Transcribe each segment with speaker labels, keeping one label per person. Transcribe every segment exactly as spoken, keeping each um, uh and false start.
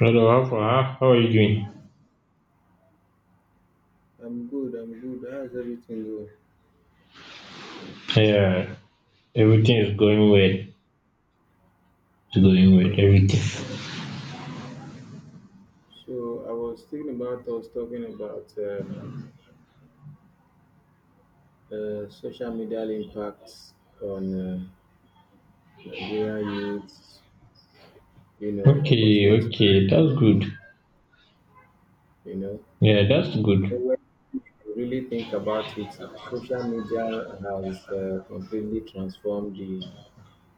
Speaker 1: Hello, Alpha. How how are you doing?
Speaker 2: I'm good, I'm good. How's everything going?
Speaker 1: Yeah, everything is going well. It's going well,
Speaker 2: Okay.
Speaker 1: everything.
Speaker 2: So I was thinking about us talking about um, uh, social media impacts on uh, Nigeria youths, you know,
Speaker 1: Okay,
Speaker 2: opportunities and
Speaker 1: okay, that's good.
Speaker 2: challenges, you know.
Speaker 1: Yeah, that's
Speaker 2: You know,
Speaker 1: good.
Speaker 2: when you really think about it, social media has uh, completely transformed the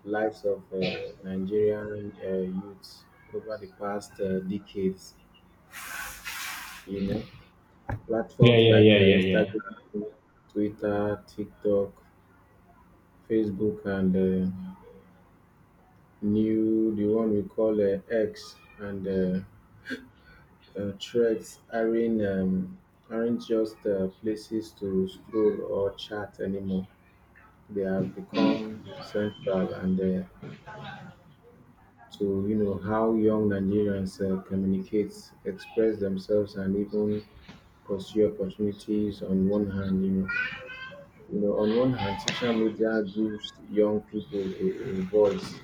Speaker 2: lives of uh, Nigerian uh, youths over the past uh, decades, you know.
Speaker 1: Yeah,
Speaker 2: Platforms
Speaker 1: yeah,
Speaker 2: like
Speaker 1: yeah,
Speaker 2: uh,
Speaker 1: yeah, yeah.
Speaker 2: Instagram, Twitter, TikTok, Facebook, and uh, new the one we call uh, X and uh, uh, Threads aren't um, aren't just uh, places to scroll or chat anymore. They have become central and uh, to you know how young Nigerians uh, communicate, express themselves, and even pursue opportunities. On one hand, you know. you know, on one hand, social media gives young people a, a voice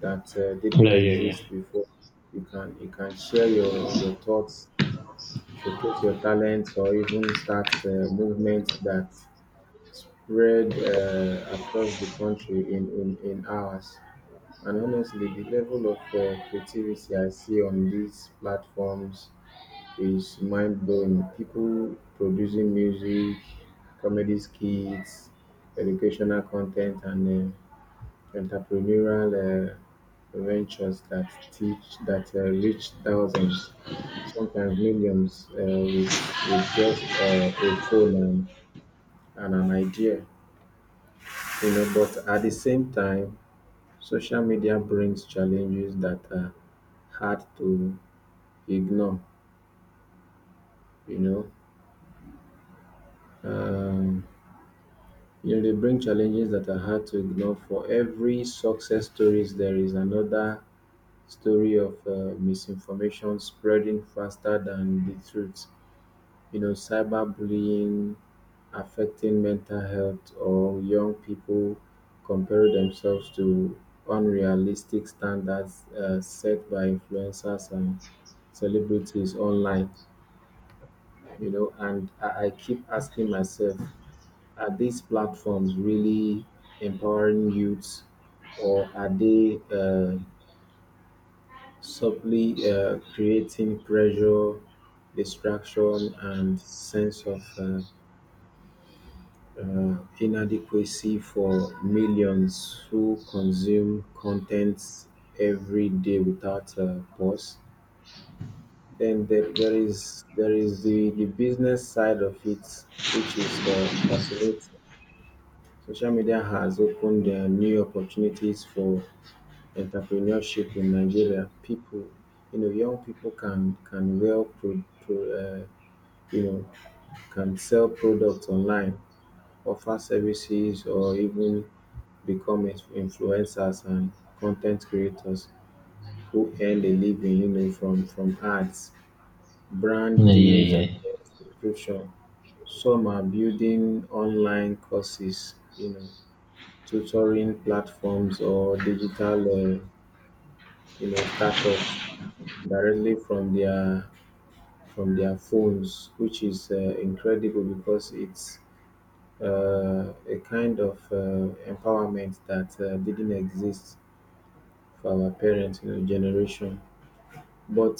Speaker 2: that uh, didn't
Speaker 1: Yeah, yeah, yeah.
Speaker 2: exist before. You can you can share your your thoughts, showcase your talents, or even start uh, movements that spread uh, across the country in, in, in hours. And honestly, the level of uh, creativity I see on these platforms is mind blowing. People producing music, comedy skits, educational content, and uh, entrepreneurial uh, ventures that teach that uh, reach thousands, sometimes millions, uh, with with just uh, a phone and, and an idea. You know, but at the same time, social media brings challenges that are hard to ignore. You know. Um, You they bring challenges that are hard to ignore. For every success stories, there is another story of uh, misinformation spreading faster than the truth. You know, cyberbullying affecting mental health or young people compare themselves to unrealistic standards uh, set by influencers and celebrities online. You know, and I, I keep asking myself. Are these platforms really empowering youths, or are they uh, subtly uh, creating pressure, distraction, and sense of uh, uh, inadequacy for millions who consume content every day without a pause? Then there, there is there is the, the business side of it, which is uh, fascinating. Social media has opened uh, new opportunities for entrepreneurship in Nigeria, people, you know, young people can can well pro, pro, uh, you know can sell products online, offer services, or even become ins- influencers and content creators who earn a living, you know, from from ads, brand
Speaker 1: Yeah,
Speaker 2: deals,
Speaker 1: yeah,
Speaker 2: and
Speaker 1: yeah.
Speaker 2: subscription. Some are building online courses, you know, tutoring platforms, or digital, uh, you know, startups directly from their from their phones, which is uh, incredible because it's uh, a kind of uh, empowerment that uh, didn't exist for our parents, you know, generation. But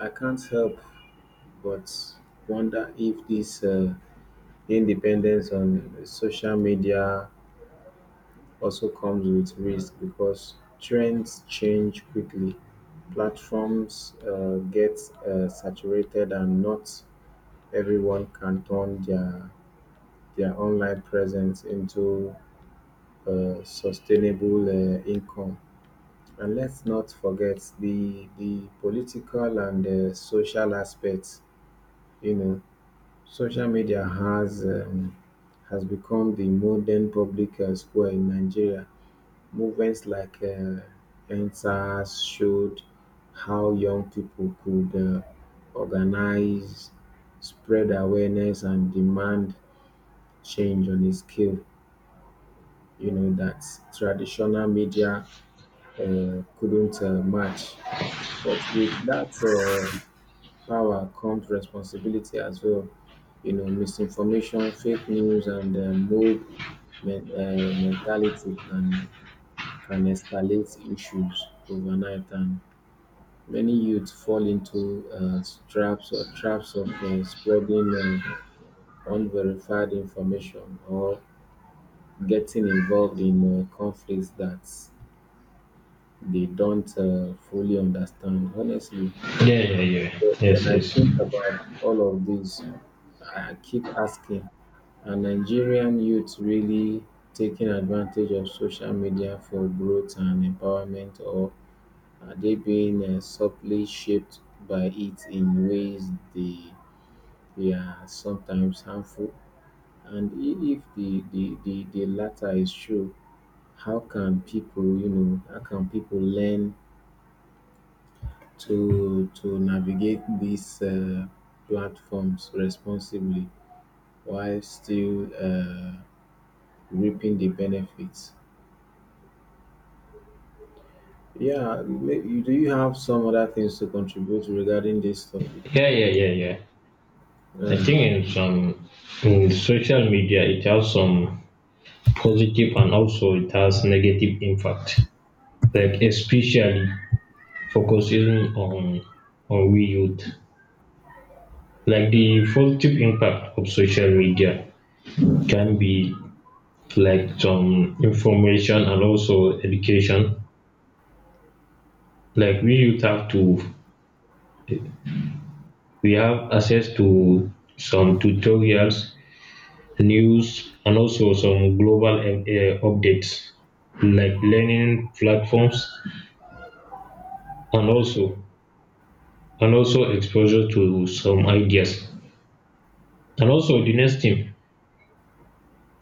Speaker 2: I can't help but wonder if this uh, independence on social media also comes with risk because trends change quickly, platforms uh, get uh, saturated, and not everyone can turn their their online presence into a sustainable uh, income. And let's not forget the the political and uh, social aspects. You know, social media has um, has become the modern public uh, square in Nigeria. Movements like uh, E N S A S showed how young people could uh, organize, spread awareness, and demand change on a scale, you know, that traditional media uh, couldn't uh, match. But with that uh, power comes responsibility as well. You know, misinformation, fake news, and uh, mob men- uh, mentality can can escalate issues overnight, and many youth fall into uh, traps or traps of uh, spreading uh, unverified information or getting involved in uh, conflicts that they don't uh, fully understand. Honestly,
Speaker 1: Yeah, yeah, yeah.
Speaker 2: but
Speaker 1: Yes,
Speaker 2: when I
Speaker 1: yes.
Speaker 2: think about all of this, I keep asking, are Nigerian youths really taking advantage of social media for growth and empowerment, or are they being uh, subtly shaped by it in ways they, they are sometimes harmful? And i- if the, the, the, the latter is true, how can people, you know, how can people learn to to navigate these uh, platforms responsibly while still uh, reaping the benefits. Yeah, may- you- do you have some other things to contribute regarding this topic?
Speaker 1: Yeah, yeah, yeah, yeah.
Speaker 2: All
Speaker 1: I
Speaker 2: right.
Speaker 1: think in some in social media it has some positive and also it has negative impact. Like especially focusing on on we youth. Like the positive impact of social media can be like some information and also education. Like we youth have to we have access to some tutorials, news, and also some global um, uh, updates like learning platforms and also and also exposure to some ideas. And also the next thing,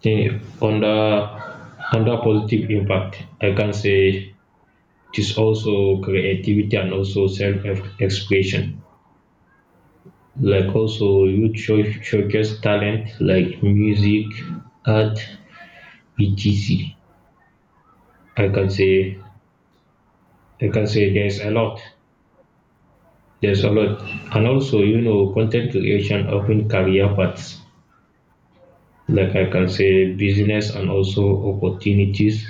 Speaker 1: thing under under positive impact, I can say it is also creativity and also self-expression. Like also youth show, showcase talent like music, art, et cetera. I can say I can say there's a lot. There's a lot. And also, you know, content creation open career paths. Like I can say business and also opportunities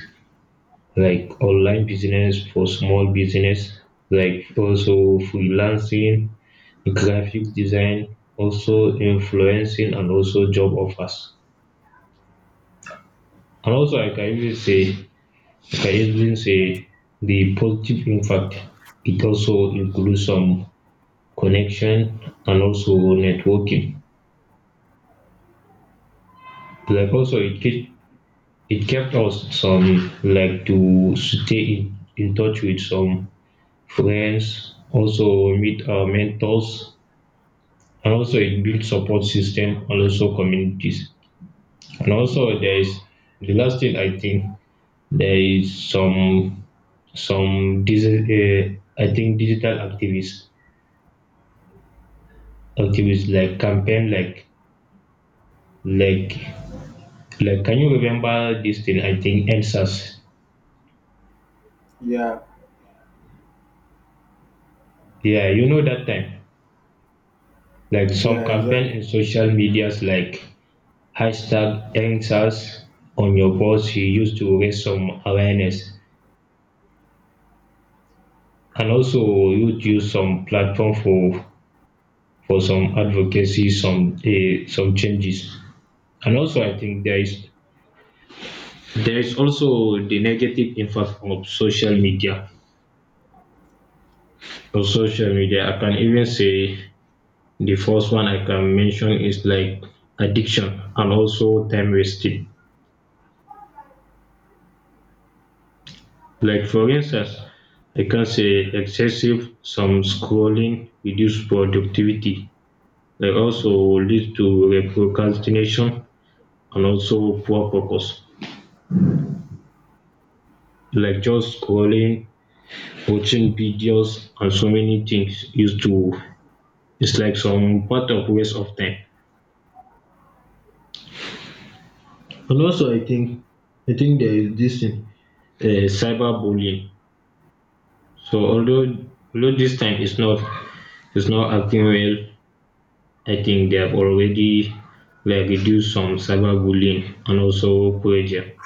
Speaker 1: like online business for small business, like also freelancing graphic design also influencing and also job offers. And also I can even say I can even say the positive impact it also includes some connection and also networking. Like also it kept it kept us some like to stay in, in touch with some friends, also meet our mentors, and also it built support system and also communities. And also there is the last thing I think there is some some digi- uh, I think digital activists activists like campaign like like like can you remember this thing? I think N SAS,
Speaker 2: Yeah,
Speaker 1: yeah, you know, that time like some
Speaker 2: yeah,
Speaker 1: campaign
Speaker 2: exactly.
Speaker 1: in social medias like hashtag N SAS on your post. He used to raise some awareness and also you'd use some platform for for some advocacy, some uh, some changes. And also, I think there is there is also the negative impact of social media. Of social media, I can even say the first one I can mention is like addiction and also time wasting. Like for instance, I can say excessive some scrolling reduce productivity. Like also leads to procrastination and also poor focus. Like just scrolling, watching videos and so many things used to, it's like some part of waste of time. And also, I think I think there is this thing, uh, cyberbullying. So although although this time it's not it's not acting well, I think they have already like reduced some cyberbullying and also pressure,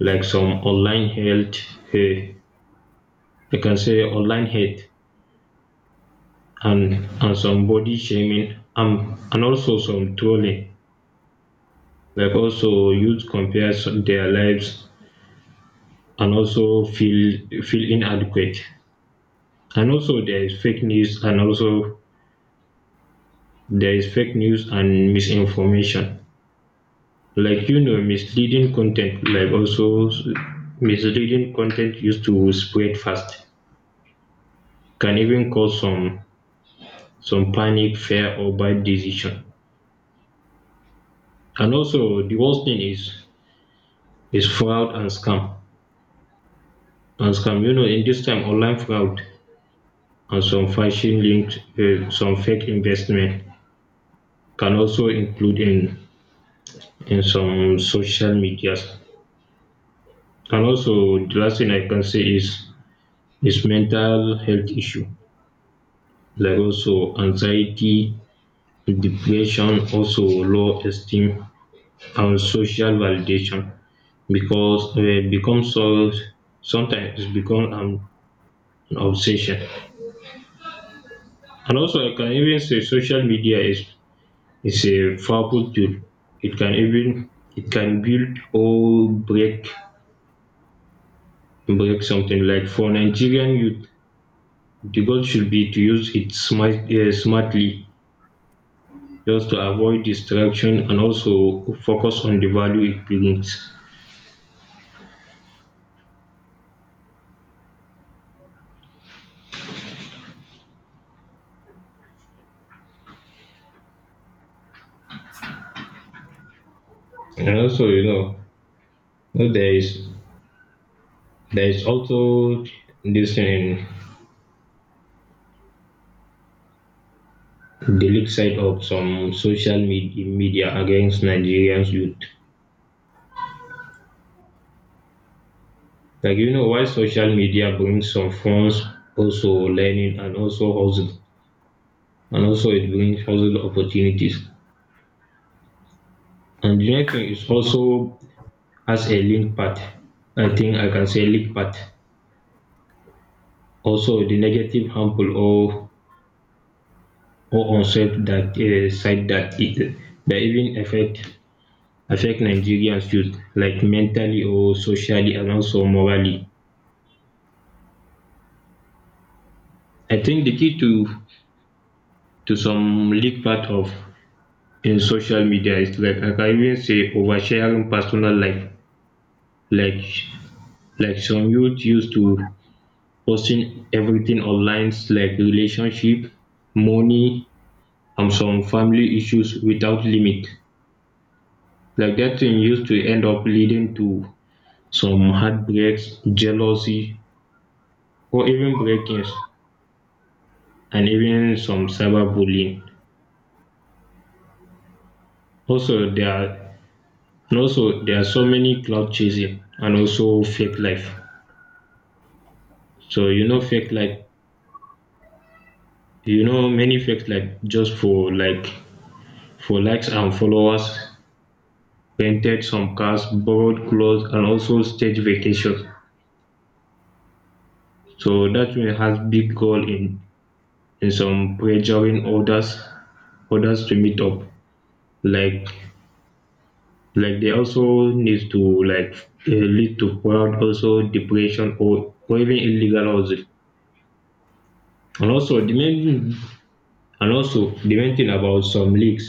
Speaker 1: like some online health. Uh, I can say online hate and and some body shaming um, and also some trolling. Like also youth compare some- their lives and also feel feel inadequate. And also there is fake news and also there is fake news and misinformation. Like you know, misleading content, like also s- misleading content used to spread fast, can even cause some some panic, fear, or bad decision. And also the worst thing is is fraud and scam. And scam, you know, in this time online fraud and some phishing linked uh, some fake investment can also include in in some social medias. And also the last thing I can say is is mental health issue like also anxiety, depression, also low esteem and social validation because uh, it becomes so, sometimes it becomes an, an obsession. And also I can even say social media is is a powerful tool. It can even it can build or break break something like for Nigerian youth. The goal should be to use it smart, uh, smartly, just to avoid distraction and also focus on the value it brings. And also, you know, there is there is also this um, the leak side of some social med- media against Nigerians youth. Like you know, why social media brings some funds, also learning and also hustle, and also it brings hustle opportunities. And the next thing is also as a link path, I think I can say link path, also the negative, harmful, or or unsafe that uh, side that it that even affect affect Nigerians youth like mentally or socially and also morally. I think the key to to some leak part of in social media is like I can even say oversharing personal life like like some youth used to posting everything online like relationship, money, and some family issues without limit. Like flirtation used to end up leading to some heartbreaks, jealousy, or even break-ins, and even some cyberbullying. Also, there are and also there are so many cloud chasing and also fake life. So you know, fake life. You know, many fake life just for like for likes and followers. Painted some cars, borrowed clothes, and also stage vacations. So that one has big goal in. And some pressuring others others to meet up, like like they also need to, like, uh, lead to fraud, also depression, or, or even illegal hustle. and also the main and also the main thing about some leaks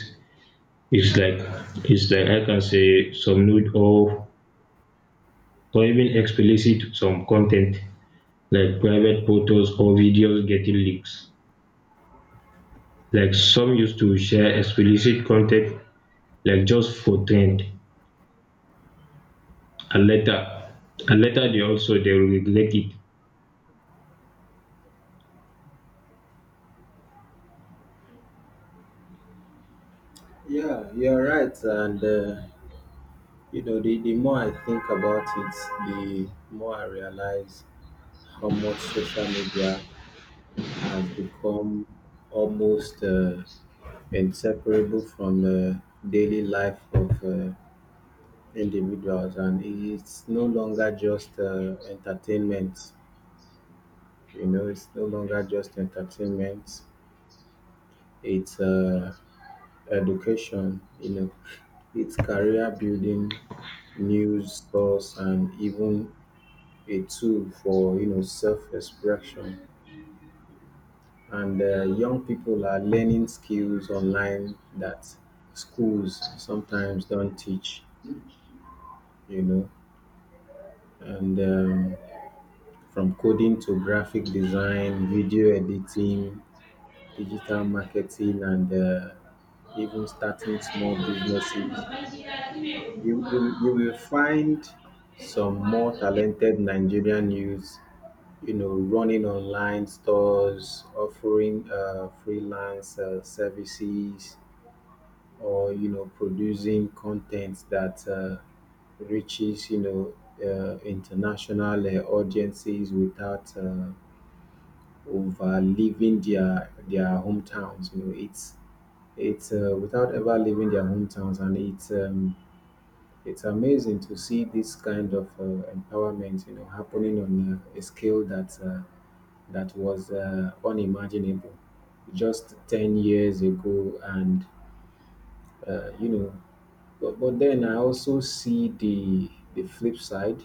Speaker 1: is like is like I can say some nude or or even explicit some content like private photos or videos getting leaks, like some used to share explicit content like just for trend, and later and later they also they regulate it.
Speaker 2: Yeah, you're right. And, uh, you know, the, the more I think about it, the more I realize how much social media has become almost. Uh, inseparable from uh, daily life of uh, individuals, and it's no longer just uh, entertainment you know it's no longer just entertainment. It's uh, education, you know, it's career building, news source, and even a tool for, you know, self-expression. And uh, young people are learning skills online that schools sometimes don't teach, you know. And um, from coding to graphic design, video editing, digital marketing, and uh, even starting small businesses, you, you, you will find some more talented Nigerian youths, you know, running online stores, offering uh, freelance uh, services, or, you know, producing content that uh, reaches, you know, uh, international uh, audiences without uh, of uh, leaving their their hometowns. You know, it's it's uh, without ever leaving their hometowns, and it's um, it's amazing to see this kind of uh, empowerment, you know, happening on uh, a scale that uh, that was uh, unimaginable just ten years ago, and uh, you know, but, but then I also see the the flip side.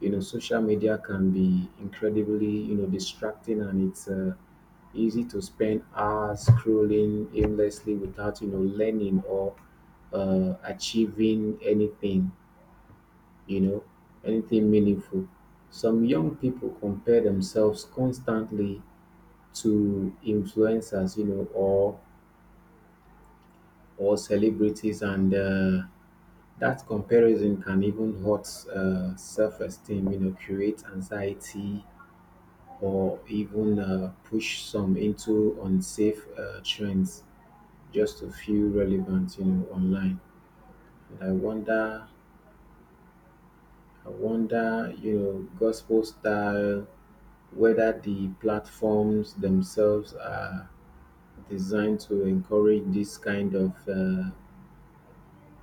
Speaker 2: You know, social media can be incredibly, you know, distracting, and it's uh, easy to spend hours scrolling aimlessly without, you know, learning or uh, achieving anything. You know, anything meaningful. Some young people compare themselves constantly to influencers, you know, or or celebrities, and uh, that comparison can even hurt uh, self-esteem, you know, create anxiety, or even uh, push some into unsafe uh, trends just to feel relevant, you know, online. And I wonder, I wonder, you know, gospel style, whether the platforms themselves are designed to encourage this kind of uh,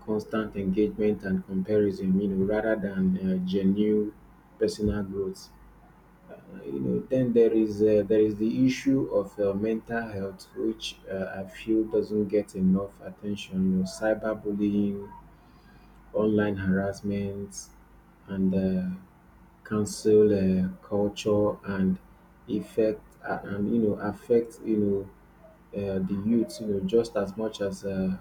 Speaker 2: constant engagement and comparison, you know, rather than uh, genuine personal growth. You know, then there is uh, there is the issue of uh, mental health, which uh, I feel doesn't get enough attention. You know, cyberbullying, online harassment, and uh, cancel uh, culture and effect uh, and you know affect, you know, uh, the youth, you know, just as much as uh,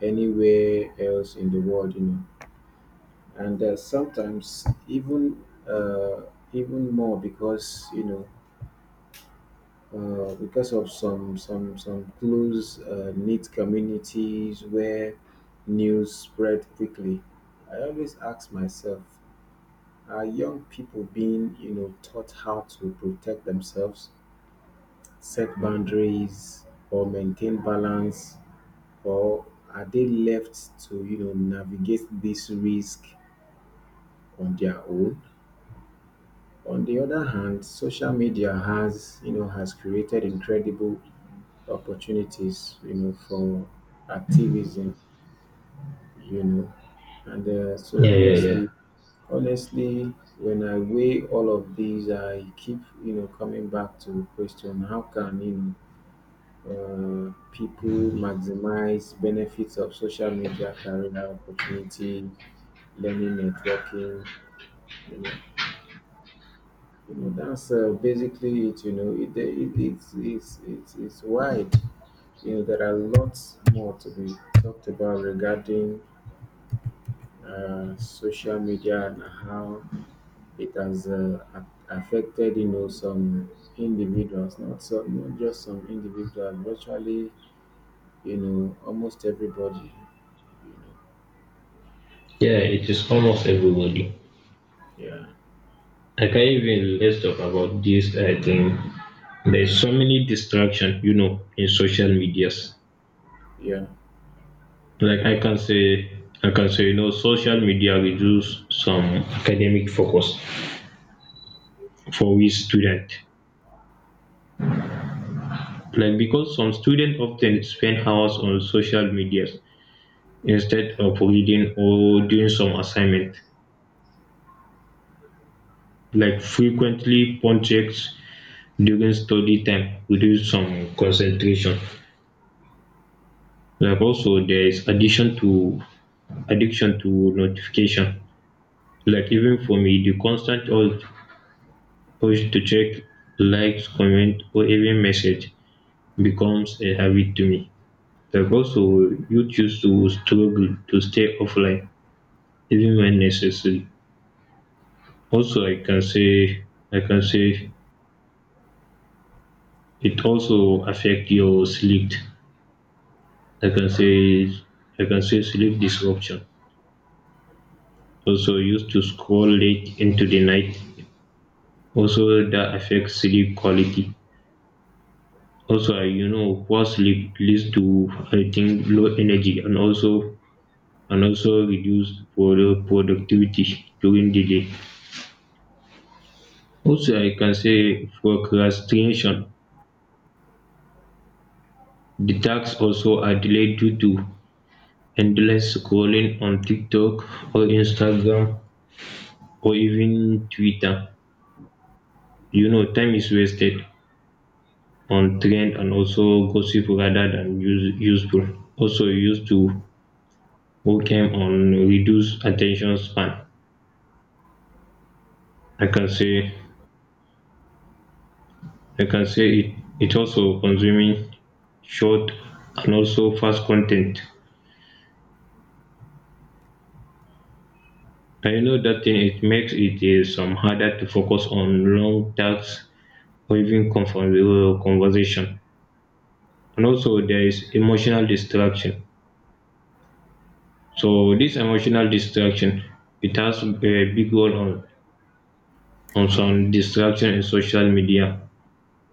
Speaker 2: anywhere else in the world, you know. And uh, sometimes even uh, even more because, you know, uh, because of some some some close uh, knit communities where news spread quickly. I always ask myself, are young people being, you know, taught how to protect themselves, set boundaries, or maintain balance, or are they left to, you know, navigate this risk on their own? On the other hand, social media has, you know, has created incredible opportunities, you know, for activism, you know. And uh, so
Speaker 1: Yeah, yeah, yeah.
Speaker 2: honestly, honestly, when I weigh all of these, I keep, you know, coming back to the question: how can, you know, uh, people maximize benefits of social media, career opportunities, learning, networking, you know? You know, that's uh, basically it. You know, it, it, it's, it's, it's, it's wide, you know. There are lots more to be talked about regarding uh, social media and how it has uh, a- affected, you know, some individuals, not so, not just some individuals, virtually, you know, almost everybody, you know.
Speaker 1: Yeah, it is almost everybody.
Speaker 2: Yeah,
Speaker 1: I can even, let's talk about this. I think there's so many distraction, you know, in social medias.
Speaker 2: yeah,
Speaker 1: Like I can say I can say, you know, social media reduce some academic focus for we student. Like because some students often spend hours on social medias instead of reading or doing some assignment. Like frequently phone checks during study time reduce some concentration. Like also there is addiction to addiction to notification. Like even for me, the constant urge urge to check likes, comment, or even message becomes a habit to me. Like also you choose to struggle to stay offline even when necessary. Also I can say I can say it also affect your sleep. I can say I can say sleep disruption also used to scroll late into the night. Also, that affects sleep quality. Also, uh, you know, poor sleep leads to, I think, low energy and also and also reduced produ- productivity during the day. Also, I can say procrastination. The tasks also are delayed due to endless scrolling on TikTok or Instagram or even Twitter. You know, time is wasted on trend and also gossip rather than use, useful. Also used to working on reduced attention span. I can say I can say it it also consuming short and also fast content. I know that thing it makes it is some harder to focus on long tasks or even confer- uh, conversation. And also there is emotional distraction. So this emotional distraction, it has a big role on On some, distraction in social media.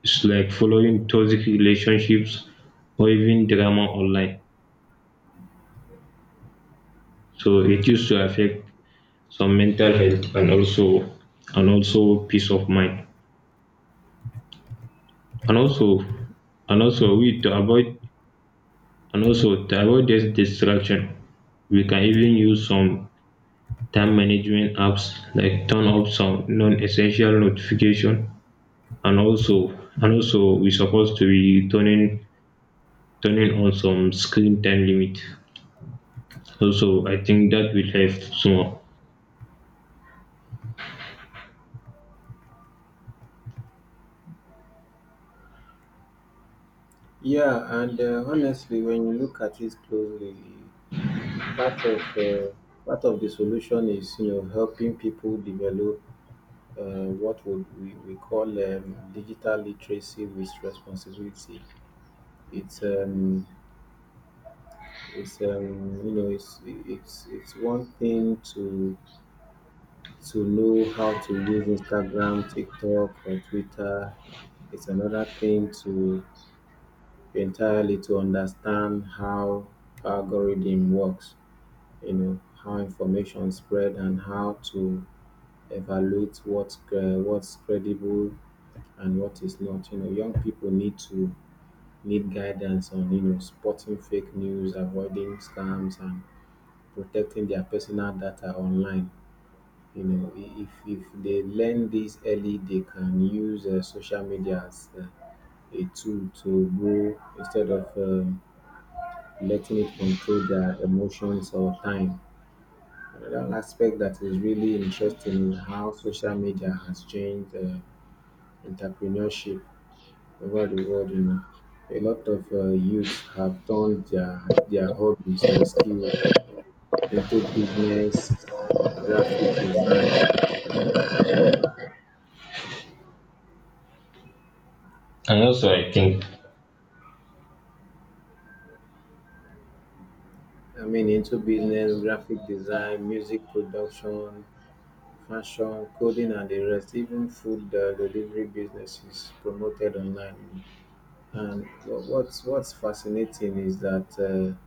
Speaker 1: It's like following toxic relationships or even drama online. So it used to affect some mental health and also and also peace of mind. And also and also we to avoid and also To avoid this distraction, we can even use some time management apps like turn off some non-essential notification, and also and also we're supposed to be turning turning on some screen time limit. Also, I think that will help small.
Speaker 2: yeah. And uh, honestly, when you look at it closely, part of uh, part of the solution is, you know, helping people develop uh, what would we, we call um, digital literacy with responsibility. It's um, It's um, you know, it's it's it's one thing to to know how to use Instagram, TikTok, or Twitter. It's another thing to entirely to understand how algorithm works. You know, how information spread and how to evaluate what's uh, what's credible and what is not. You know, young people need to need guidance on, you know, spotting fake news, avoiding scams, and protecting their personal data online. You know, i- if if they learn this early, they can use uh, social media as uh, a tool to grow instead of um letting it control their emotions or time. Another aspect that is really interesting is how social media has changed uh, entrepreneurship over the world. You know, a lot of uh, youths have turned their their hobbies or skills into business, graphic design,
Speaker 1: And also, I think,
Speaker 2: I mean, into business, graphic design, music production, fashion, coding, and the rest. Even food uh, delivery business is promoted online. And what, what's what's fascinating is that uh,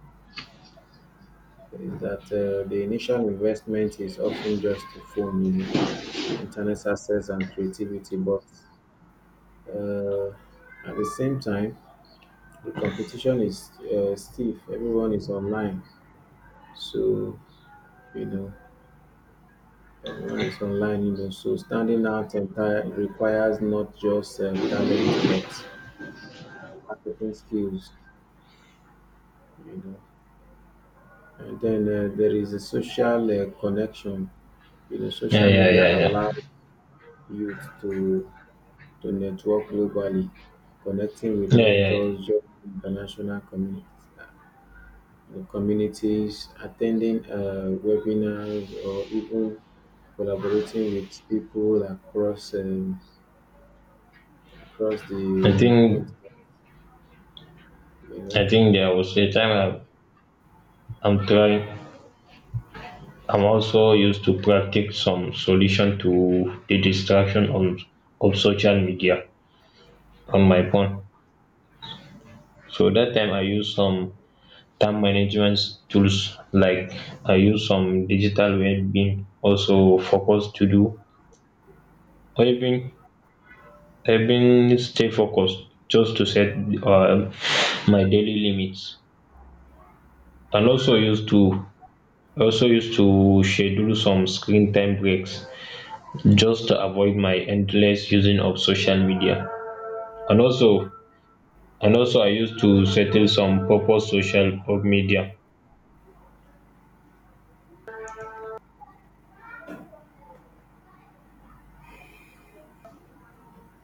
Speaker 2: is that uh, the initial investment is often just a phone, you know, internet access and creativity. But uh, at the same time, the competition is uh, stiff. Everyone is online, so you know Everyone is online, you know, so standing out enti- requires not just uh, talent but marketing skills, you know. And then uh, there is a social uh, connection. You know,
Speaker 1: yeah,
Speaker 2: social
Speaker 1: yeah,
Speaker 2: media
Speaker 1: yeah, yeah,
Speaker 2: allows youth to to network globally, connecting with
Speaker 1: yeah, yeah, yeah.
Speaker 2: mentors, joining international communities, uh, the communities, attending uh, webinars, or even collaborating with people across um, across
Speaker 1: I
Speaker 2: the uh,
Speaker 1: think,
Speaker 2: continent. You know.
Speaker 1: I think there was a time, I'm, I'm trying. I'm also used to practice some solution to the distraction on of social media on my phone. So that time I use some time management tools like I use some digital well-being, also focus to do, or even I've been stay focused just to set um, my daily limits and also used to also used to schedule some screen time breaks just to avoid my endless using of social media, and also and also I used to settle some purpose social of media.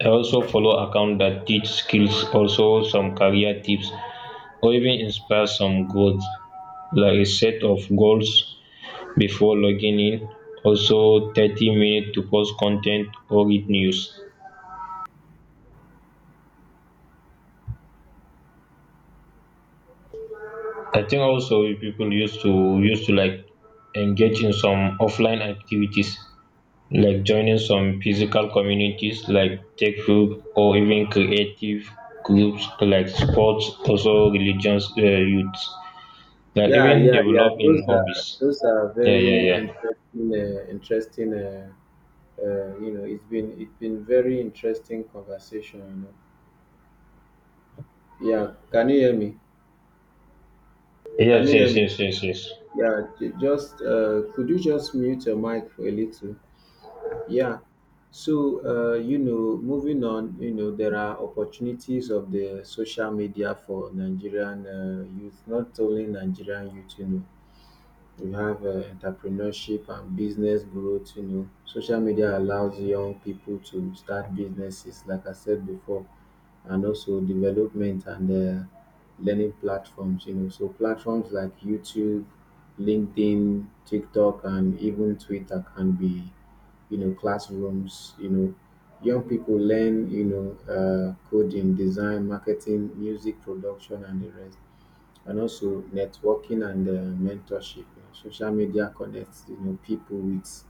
Speaker 1: I also follow account that teach skills, also some career tips, or even inspire some growth, like a set of goals before logging in. Also, thirty minutes to post content or read news. I think also people used to used to like engage in some offline activities like joining some physical communities like tech group or even creative groups like sports, also religions, uh, youths. Like
Speaker 2: Yeah,
Speaker 1: even
Speaker 2: yeah, yeah.
Speaker 1: develop
Speaker 2: Those
Speaker 1: in
Speaker 2: are
Speaker 1: hobbies.
Speaker 2: those are
Speaker 1: Yeah, yeah,
Speaker 2: very
Speaker 1: yeah.
Speaker 2: interesting, uh, interesting. Uh, uh, you know, it's been it's been very interesting conversation. You know. Yeah, can you hear me? Can
Speaker 1: Yes,
Speaker 2: you hear
Speaker 1: yes,
Speaker 2: me?
Speaker 1: yes, yes, yes.
Speaker 2: Yeah, j- just uh, could you just mute your mic for a little? Yeah. So uh, you know, moving on, you know, there are opportunities of the social media for Nigerian uh, youth, not only Nigerian youth, you know, we have uh, entrepreneurship and business growth. You know, social media allows young people to start businesses, like I said before, and also development and uh, learning platforms. You know, so platforms like YouTube, LinkedIn, TikTok, and even Twitter can be, you know, classrooms. You know, young people learn, you know, uh, coding, design, marketing, music production, and the rest, and also networking and uh, mentorship. You know, social media connects, you know, people with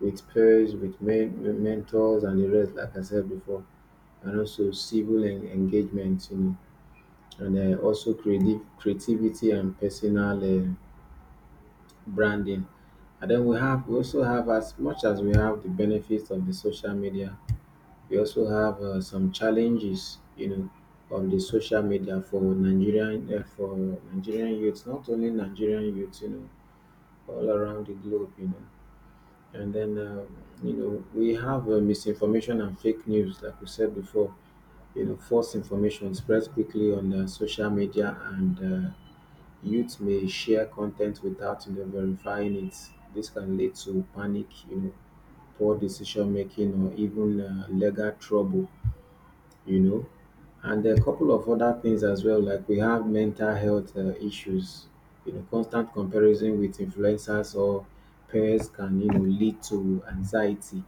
Speaker 2: with peers, with men, with mentors, and the rest. Like I said before, and also civil en- engagement, you know, and uh, also creative creativity and personal uh, branding. And then we have, we also have, as much as we have the benefits of the social media, we also have uh, some challenges, you know, of the social media for Nigerian uh, for Nigerian youths, not only Nigerian youths, you know, all around the globe, you know. And then, uh, you know, we have uh, misinformation and fake news, like we said before. You know, false information spreads quickly on uh, social media, and uh, youth may share content without, you know, verifying it. This can lead to panic, you know, poor decision making, or even uh, legal trouble. You know, and a couple of other things as well, like we have mental health uh, issues. You know, constant comparison with influencers or peers can, you know, lead to anxiety,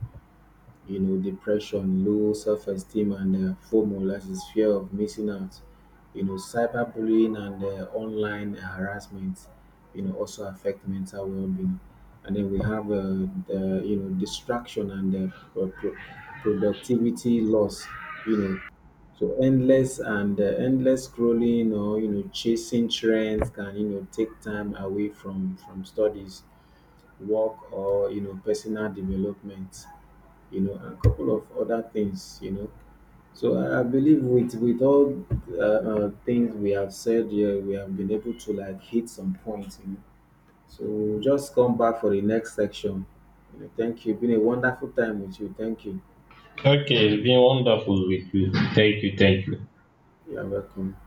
Speaker 2: you know, depression, low self-esteem, and uh, FOMO, that is fear of missing out. You know, cyberbullying and uh, online harassment, you know, also affect mental well-being. And then we have uh, the, you know, distraction and uh, pro- pro- productivity loss. You know, so endless and uh, endless scrolling or, you know, chasing trends can, you know, take time away from from studies, work, or, you know, personal development, you know, and a couple of other things, you know. So I, I believe with with all uh, uh, things we have said here, we have been able to like hit some points, you know. So we'll just come back for the next section. You know, thank you. Been a wonderful time with you. Thank you.
Speaker 1: Okay, it's been wonderful with you. Thank you, thank you.
Speaker 2: You are welcome.